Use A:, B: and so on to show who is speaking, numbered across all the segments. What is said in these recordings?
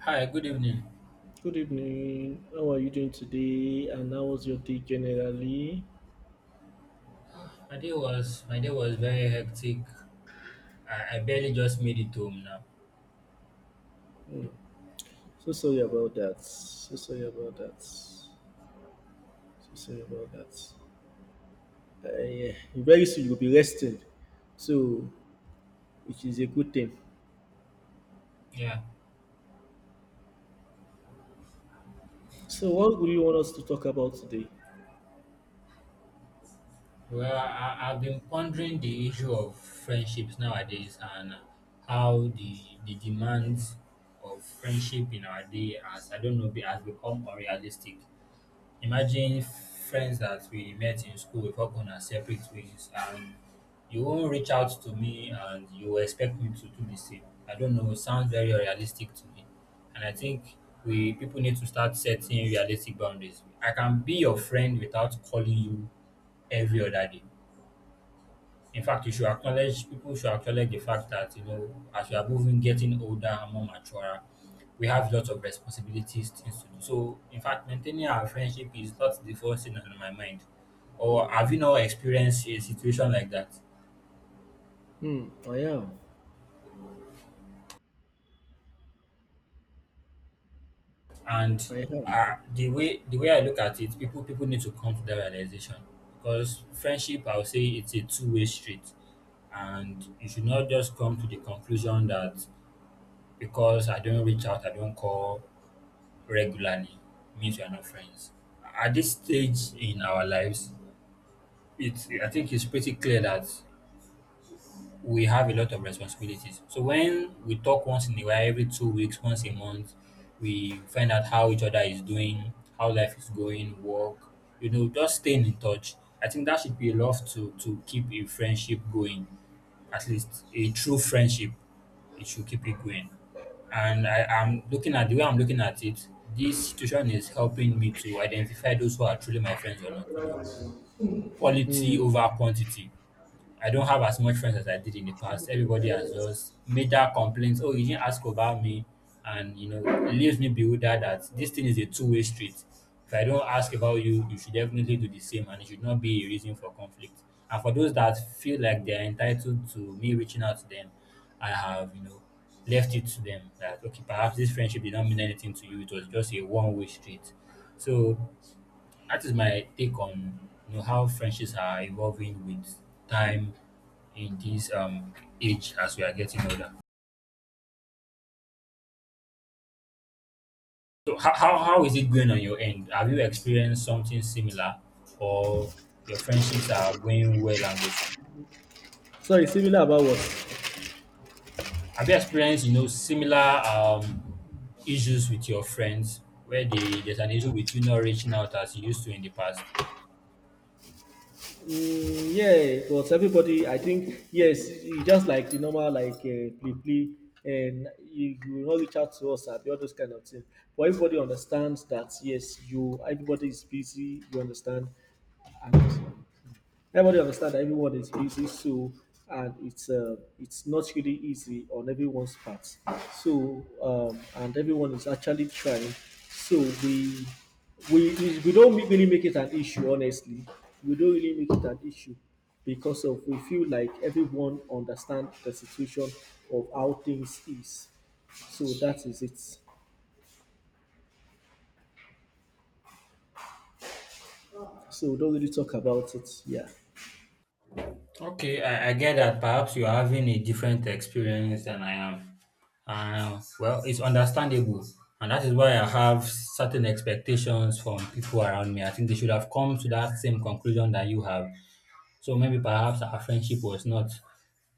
A: Hi, good evening.
B: Good evening. How are you doing today? And how was your day generally?
A: My day was very hectic. I barely just made it home now.
B: So sorry about that. So sorry about that. So sorry about that. Yeah. Very soon you'll be resting, so which is a good thing.
A: Yeah.
B: So what would you want us to talk about today?
A: Well, I've been pondering the issue of friendships nowadays and how the demands of friendship in our day as I don't know has become unrealistic. Imagine friends that we met in school, we've all gone our separate ways, and you won't reach out to me and you expect me to do the same. I don't know, it sounds very unrealistic to me. And I think we people need to start setting realistic boundaries. I can be your friend without calling you every other day. In fact, you should acknowledge people should acknowledge the fact that you know as we are moving, getting older and more mature, we have lots of responsibilities, things to do. So, in fact, maintaining our friendship is not the first thing on my mind. Or have you not experienced a situation like that?
B: Hmm. I have.
A: And
B: I have.
A: The way I look at it, people need to come to that realization because friendship, I would say, it's a two-way street, and you should not just come to the conclusion that because I don't reach out, I don't call, regularly, means we are not friends. At this stage in our lives, it's I think it's pretty clear that we have a lot of responsibilities. So when we talk once in a while, every 2 weeks, once a month, we find out how each other is doing, how life is going, work, you know, just staying in touch. I think that should be enough to keep a friendship going, at least a true friendship, it should keep it going. And I'm looking at it, this situation is helping me to identify those who are truly my friends or not, you know, quality
B: Hmm.
A: over quantity. I don't have as much friends as I did in the past. Everybody has just made that complaint. Oh, you didn't ask about me, and you know, it leaves me bewildered that this thing is a two-way street. If I don't ask about you, you should definitely do the same, and it should not be a reason for conflict. And for those that feel like they are entitled to me reaching out to them, I have, you know, left it to them that okay, perhaps this friendship did not mean anything to you. It was just a one-way street. So that is my take on, you know, how friendships are evolving with time in this age as we are getting older. So how is it going on your end? Have you experienced something similar, or your friendships are going well and good?
B: Sorry, similar about what?
A: Have you experienced, you know, similar um issues with your friends where they there's an issue with you not reaching out as you used to in the past?
B: Mm, yeah, but everybody, I think, yes, you just like the normal, like play play, and you will not reach out to us and all those kind of things. But everybody understands that, yes, you, everybody is busy, you understand, and everybody understand that everyone is busy so and it's not really easy on everyone's part so and everyone is actually trying so we we don't really make it an issue, honestly. We don't really make it an issue because of we feel like everyone understand the situation of how things is. So that is it. So don't really talk about it. Yeah.
A: Okay, I get that perhaps you're having a different experience than I am. Well, it's understandable. And that is why I have certain expectations from people around me. I think they should have come to that same conclusion that you have. So maybe perhaps our friendship was not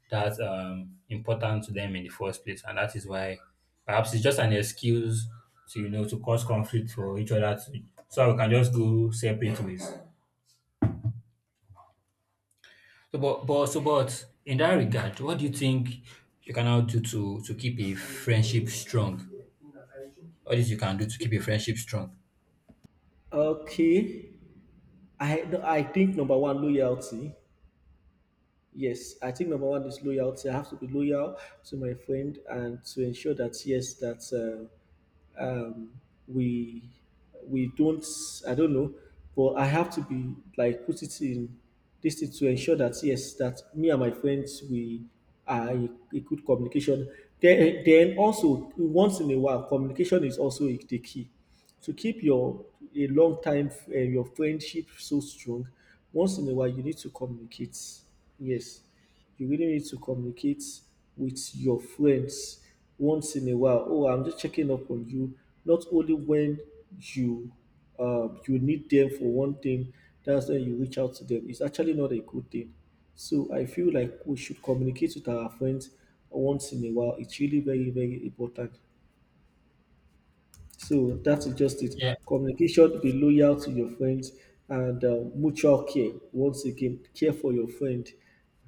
A: that important to them in the first place. And that is why perhaps it's just an excuse to, you know, to cause conflict for each other, to, so we can just go separate ways. So, but in that regard, what do you think you can now do to keep a friendship strong? What is you can do to keep a friendship strong?
B: Okay. I think number one loyalty. Yes, I think number one is loyalty. I have to be loyal to my friend and to ensure that yes, that. Um, we we don't I don't know, But I have to be like put it in this thing to ensure that yes, that me and my friends we are a in good communication. Then also once in a while, communication is also the key to keep your a long time your friendship so strong. Once in a while, you need to communicate. Yes. You really need to communicate with your friends once in a while. Oh, I'm just checking up on you. Not only when you you need them for one thing, that's when you reach out to them. It's actually not a good thing. So I feel like we should communicate with our friends once in a while. It's really very, very important. So that is just it.
A: Yeah,
B: Communication, be loyal to your friends and mutual care. Once again, care for your friend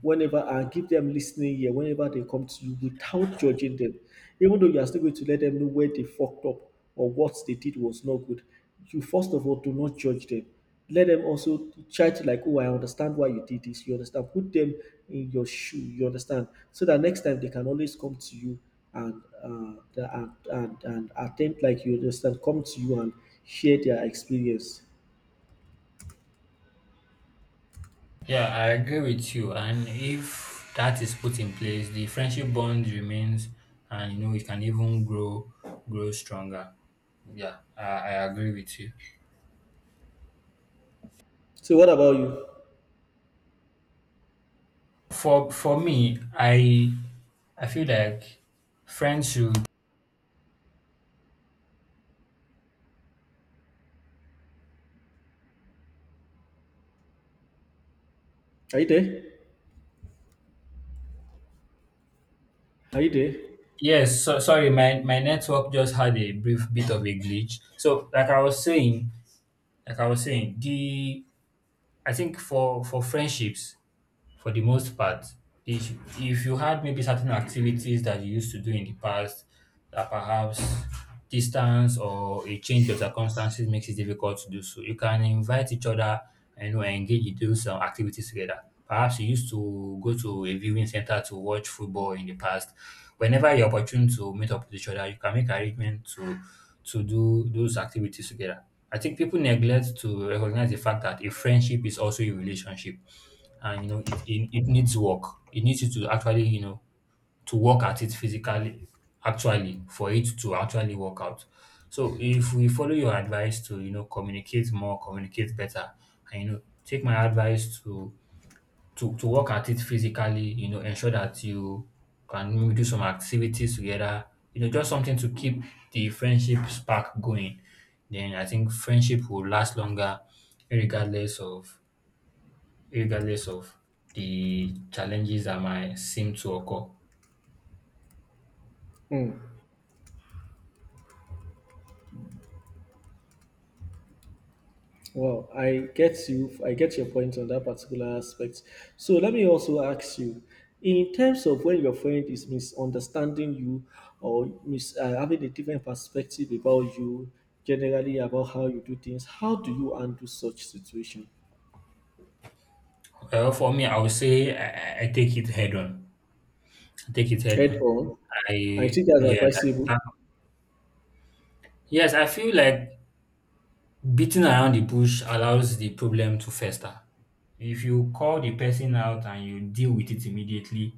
B: whenever and give them listening ear whenever they come to you without judging them. Even though you are still going to let them know where they fucked up or what they did was not good, you first of all do not judge them. Let them also try to like, "Oh, I understand why you did this." You understand? Put them in your shoe. You understand? So that next time they can always come to you and attempt like you understand. Come to you and share their experience.
A: yeah, I agree with you. And if that is put in place, the friendship bond remains, and you know it can even grow stronger. Yeah, I agree with you.
B: So, what about you?
A: For me, I feel like friends should.
B: Are you there? Are you there?
A: Yes, so, sorry, my network just had a brief bit of a glitch. So, like I was saying, the I think for friendships, for the most part, if if you had maybe certain activities that you used to do in the past that perhaps distance or a change of circumstances makes it difficult to do so, you can invite each other and, you know, engage in those activities together. Perhaps you used to go to a viewing center to watch football in the past. Whenever you're opportune to meet up with each other, you can make arrangement to do those activities together. I think people neglect to recognize the fact that a friendship is also a relationship, and you know it needs work, it needs you to actually, you know, to work at it physically, actually, for it to actually work out. So if we follow your advice to, you know, communicate more, communicate better, and, you know, take my advice to work at it physically, you know, ensure that you can maybe do some activities together, you know, just something to keep the friendship spark going, then I think friendship will last longer, regardless of, regardless of the challenges that might seem to occur.
B: Hmm. Well, I get you. I get your point on that particular aspect. So let me also ask you, in terms of when your friend is misunderstanding you or having a different perspective about you, generally about how you do things, how do you handle such situation?
A: Well, for me, I would say I I take it head on. I take it head
B: Head
A: on.
B: on.
A: I
B: I think that's
A: Yeah,
B: advisable.
A: yes, I feel like, beating around the bush allows the problem to fester. If you call the person out and you deal with it immediately,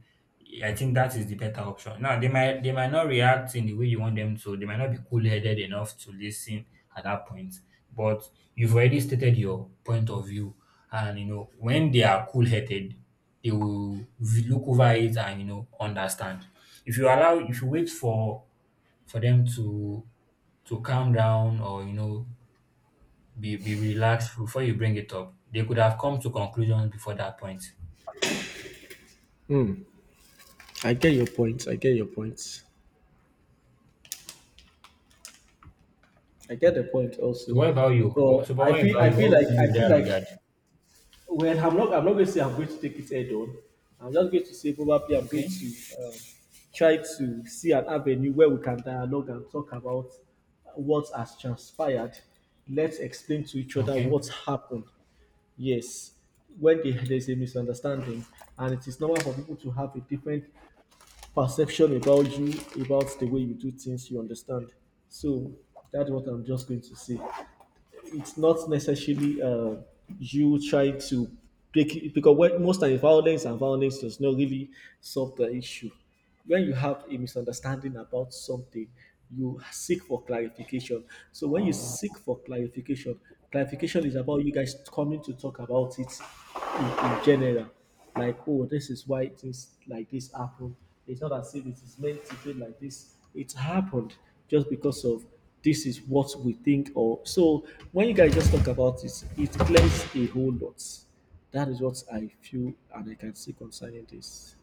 A: I think that is the better option. Now they might not react in the way you want them to. They might not be cool headed enough to listen at that point. But you've already stated your point of view, and you know when they are cool headed, they will look over it and you know understand. If you allow, if you wait for them to calm down, or you know, be relaxed before you bring it up. They could have come to conclusions before that point.
B: I get your point. I get your point. I get the point
A: So
B: also.
A: what about you? Wh-
B: But
A: So but what about you? What will you do
B: I
A: in
B: feel
A: that
B: like,
A: regard?
B: well, I'm not. I'm not going to say I'm going to take it head on. I'm just going to say probably I'm going
A: Okay.
B: to um, try to see an avenue where we can dialogue and talk about what has transpired. Let's explain to each other
A: Okay.
B: what's happened. Yes, when they, there's a misunderstanding, and it is normal for people to have a different perception about you, about the way you do things. You understand? So that's what I'm just going to say, it's not necessarily you trying to pick it, because when, most times violence does not really solve the issue. When you have a misunderstanding about something, you seek for clarification. So when you seek for clarification, clarification is about you guys coming to talk about it in general, like oh this is why things like this happened. It's not as if it is meant to be like this. It happened just because of this is what we think or so. When you guys just talk about it, it clears a whole lot. That is what I feel and I can see concerning this.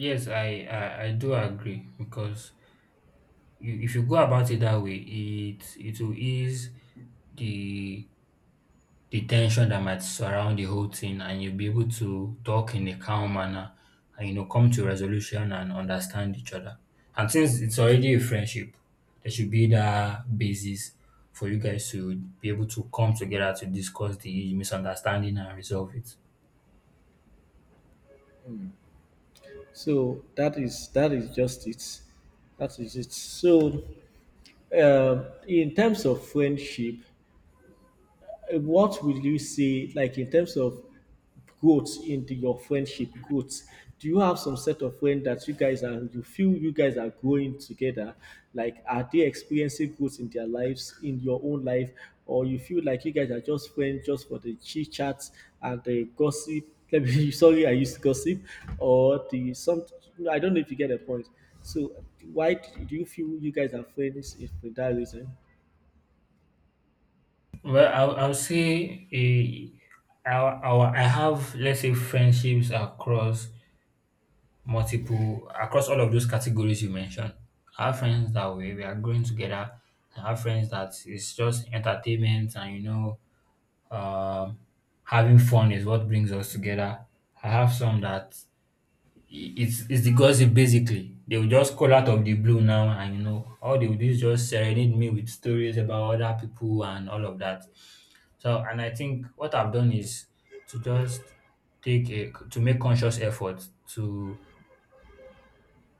A: Yes, I do agree because you, if you go about it that way, it will ease the the tension that might surround the whole thing, and you'll be able to talk in a calm manner and you know come to resolution and understand each other. And since it's already a friendship, there should be that basis for you guys to be able to come together to discuss the misunderstanding and resolve it.
B: So that is just it. That is it. So in terms of friendship, what will you say, like in terms of growth, into your friendship growth? Do you have some set of friends that you guys are, you feel you guys are growing together? Like, are they experiencing growth in their lives, in your own life, or you feel like you guys are just friends just for the chit chat and the gossip? Sorry, I used gossip, or the some. I don't know if you get the point. So, why do you feel you guys are friends if for that reason?
A: Well, I'll say eh, I have, let's say, friendships across multiple across all of those categories you mentioned. I have friends that we are growing together. I have friends that it's just entertainment and you know, um, having fun is what brings us together. I have some that it's the gossip basically. They will just call out of the blue now, and you know, all they will do is just serenade me with stories about other people and all of that. So, and I think what I've done is to just take a to make conscious effort to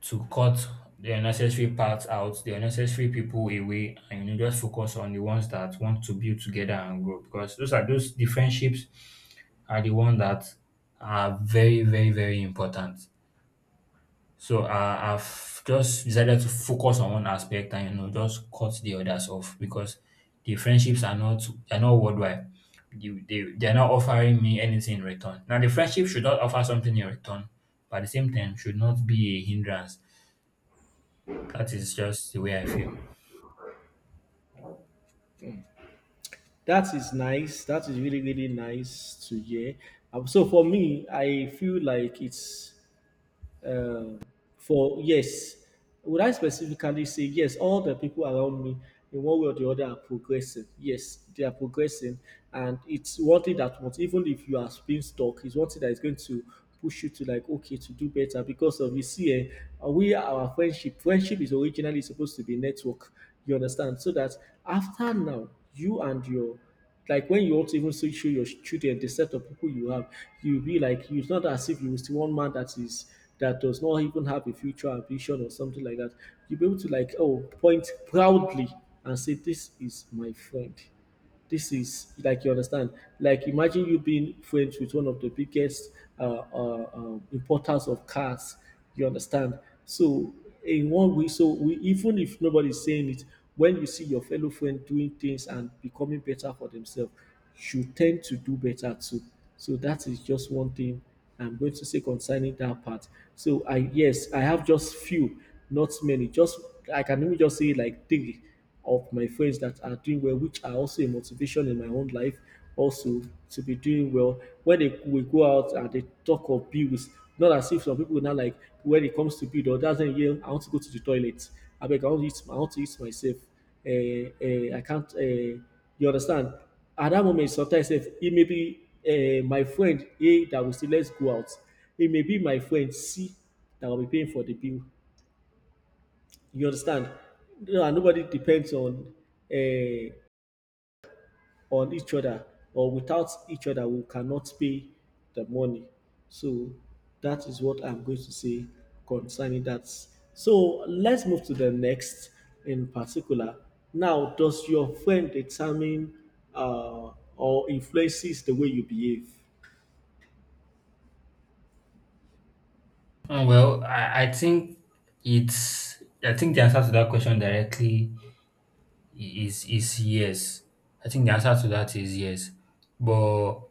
A: cut the unnecessary parts out, the unnecessary people away, and you know, just focus on the ones that want to build together and grow. Because those the friendships are the ones that are very, very, very important. So I've just decided to focus on one aspect and you know just cut the others off because the friendships are not, they're not worldwide. They, they're not offering me anything in return. Now the friendship should not offer something in return, but at the same time should not be a hindrance. That is just the way I feel.
B: That is nice. That is really, really nice to hear. So for me, I feel like it's uh, for yes. Would I specifically say yes? All the people around me, in one way or the other, are progressing. Yes, they are progressing, and it's one thing that what even if you are being stuck, it's one thing that is going to push you to like okay to do better because of you see we our friendship is originally supposed to be network. You understand? So that after now you and your, like when you want to even still show your children the set of people you have, you'll be like, it's not as if you see one man that is that does not even have a future ambition or something like that. You'll be able to like oh point proudly and say this is my friend. This is like, you understand. Like imagine you being friends with one of the biggest uh, importers of cars. You understand. So in one way, so we even if nobody's saying it, when you see your fellow friend doing things and becoming better for themselves, you tend to do better too. So that is just one thing I'm going to say concerning that part. So I yes, I have just few, not many. Just like, I can even just say like three of my friends that are doing well, which are also a motivation in my own life, also to be doing well. When they we go out and they talk of bills, not as if some people now like when it comes to bill, or that's yeah, I want to go to the toilet. I beg, I want to eat, I want to eat myself. I can't. You understand? At that moment, sometimes if it may be my friend A that will say let's go out. It may be my friend C that will be paying for the bill. You understand? No, and nobody depends uh, on each other, or without each other, we cannot pay the money. So that is what I'm going to say concerning that. So let's move to the next in particular. Now, does your friend determine uh, or influences the way you behave?
A: Oh, well, I think it's I think the answer to that question directly is yes. I think the answer to that is yes. But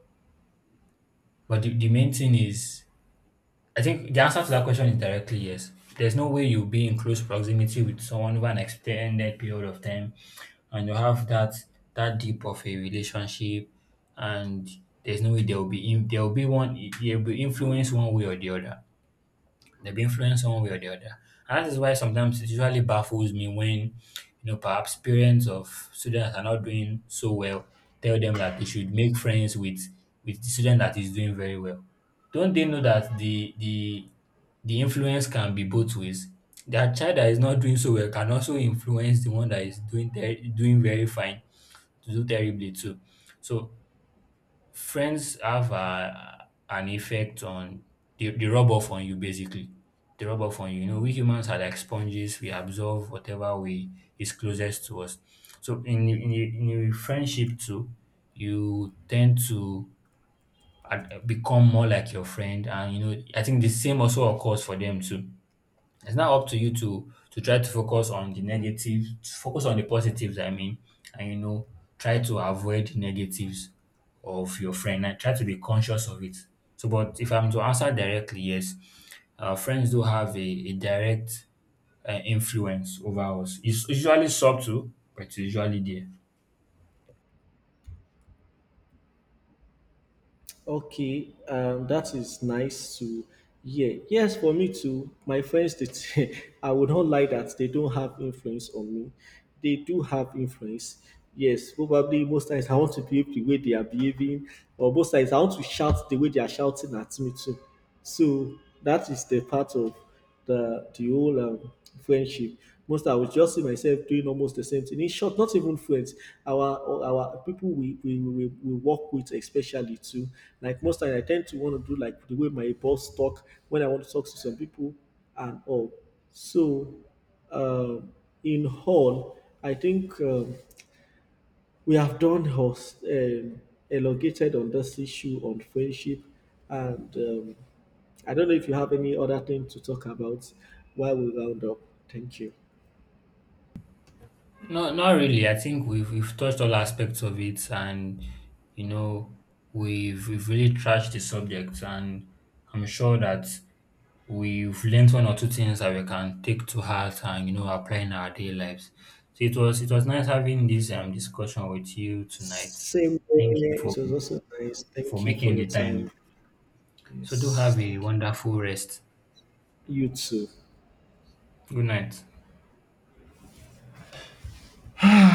A: the main thing is I think the answer to that question is directly yes. There's no way you'll be in close proximity with someone over an extended period of time and you have that deep of a relationship, and there's no way there will be influence one way or the other. They'll be influenced one way or the other. And that is why sometimes it usually baffles me when, you know, perhaps parents of students are not doing so well tell them that they should make friends with the student that is doing very well. Don't they know that the the influence can be both ways? Their child that is not doing so well can also influence the one that is doing doing very fine to do terribly too. So friends have an effect on the rub off on you basically, the rub off on you you know we humans are like sponges, we absorb whatever we is closest to us. So in in your friendship too, you tend to become more like your friend, and you know I think the same also occurs for them too. It's now up to you to try to focus on the negatives, focus on the positives, I mean, and you know, try to avoid negatives of your friend and try to be conscious of it. So, but if I'm to answer directly, yes, friends do have a direct influence over us. It's usually subtle, but it's usually there.
B: Okay, that is nice to hear. Yes, for me too. My friends, they, I would not lie that they don't have influence on me. They do have influence. Yes, probably most times I want to behave the way they are behaving, or most times I want to shout the way they are shouting at me too. So that is the part of the whole friendship. Most I would just see myself doing almost the same thing. In short, not even friends. Our people we work with especially too. Like most time I tend to want to do like the way my boss talk when I want to talk to some people and all. So um, in whole, I think we have done host, elongated on this issue on friendship, and I don't know if you have any other thing to talk about while we round up. Thank you.
A: No, not really. I think we've touched all aspects of it, and you know, we've really trashed the subject, and I'm sure that we've learned one or two things that we can take to heart and you know apply in our daily lives. So it was nice having this discussion with you tonight.
B: Same
A: Thank you
B: way,
A: for
B: it was also nice. Thank you for
A: making
B: your
A: the
B: time.
A: time. So do
B: Yes,
A: have a
B: thank you.
A: wonderful rest.
B: You too.
A: Good night.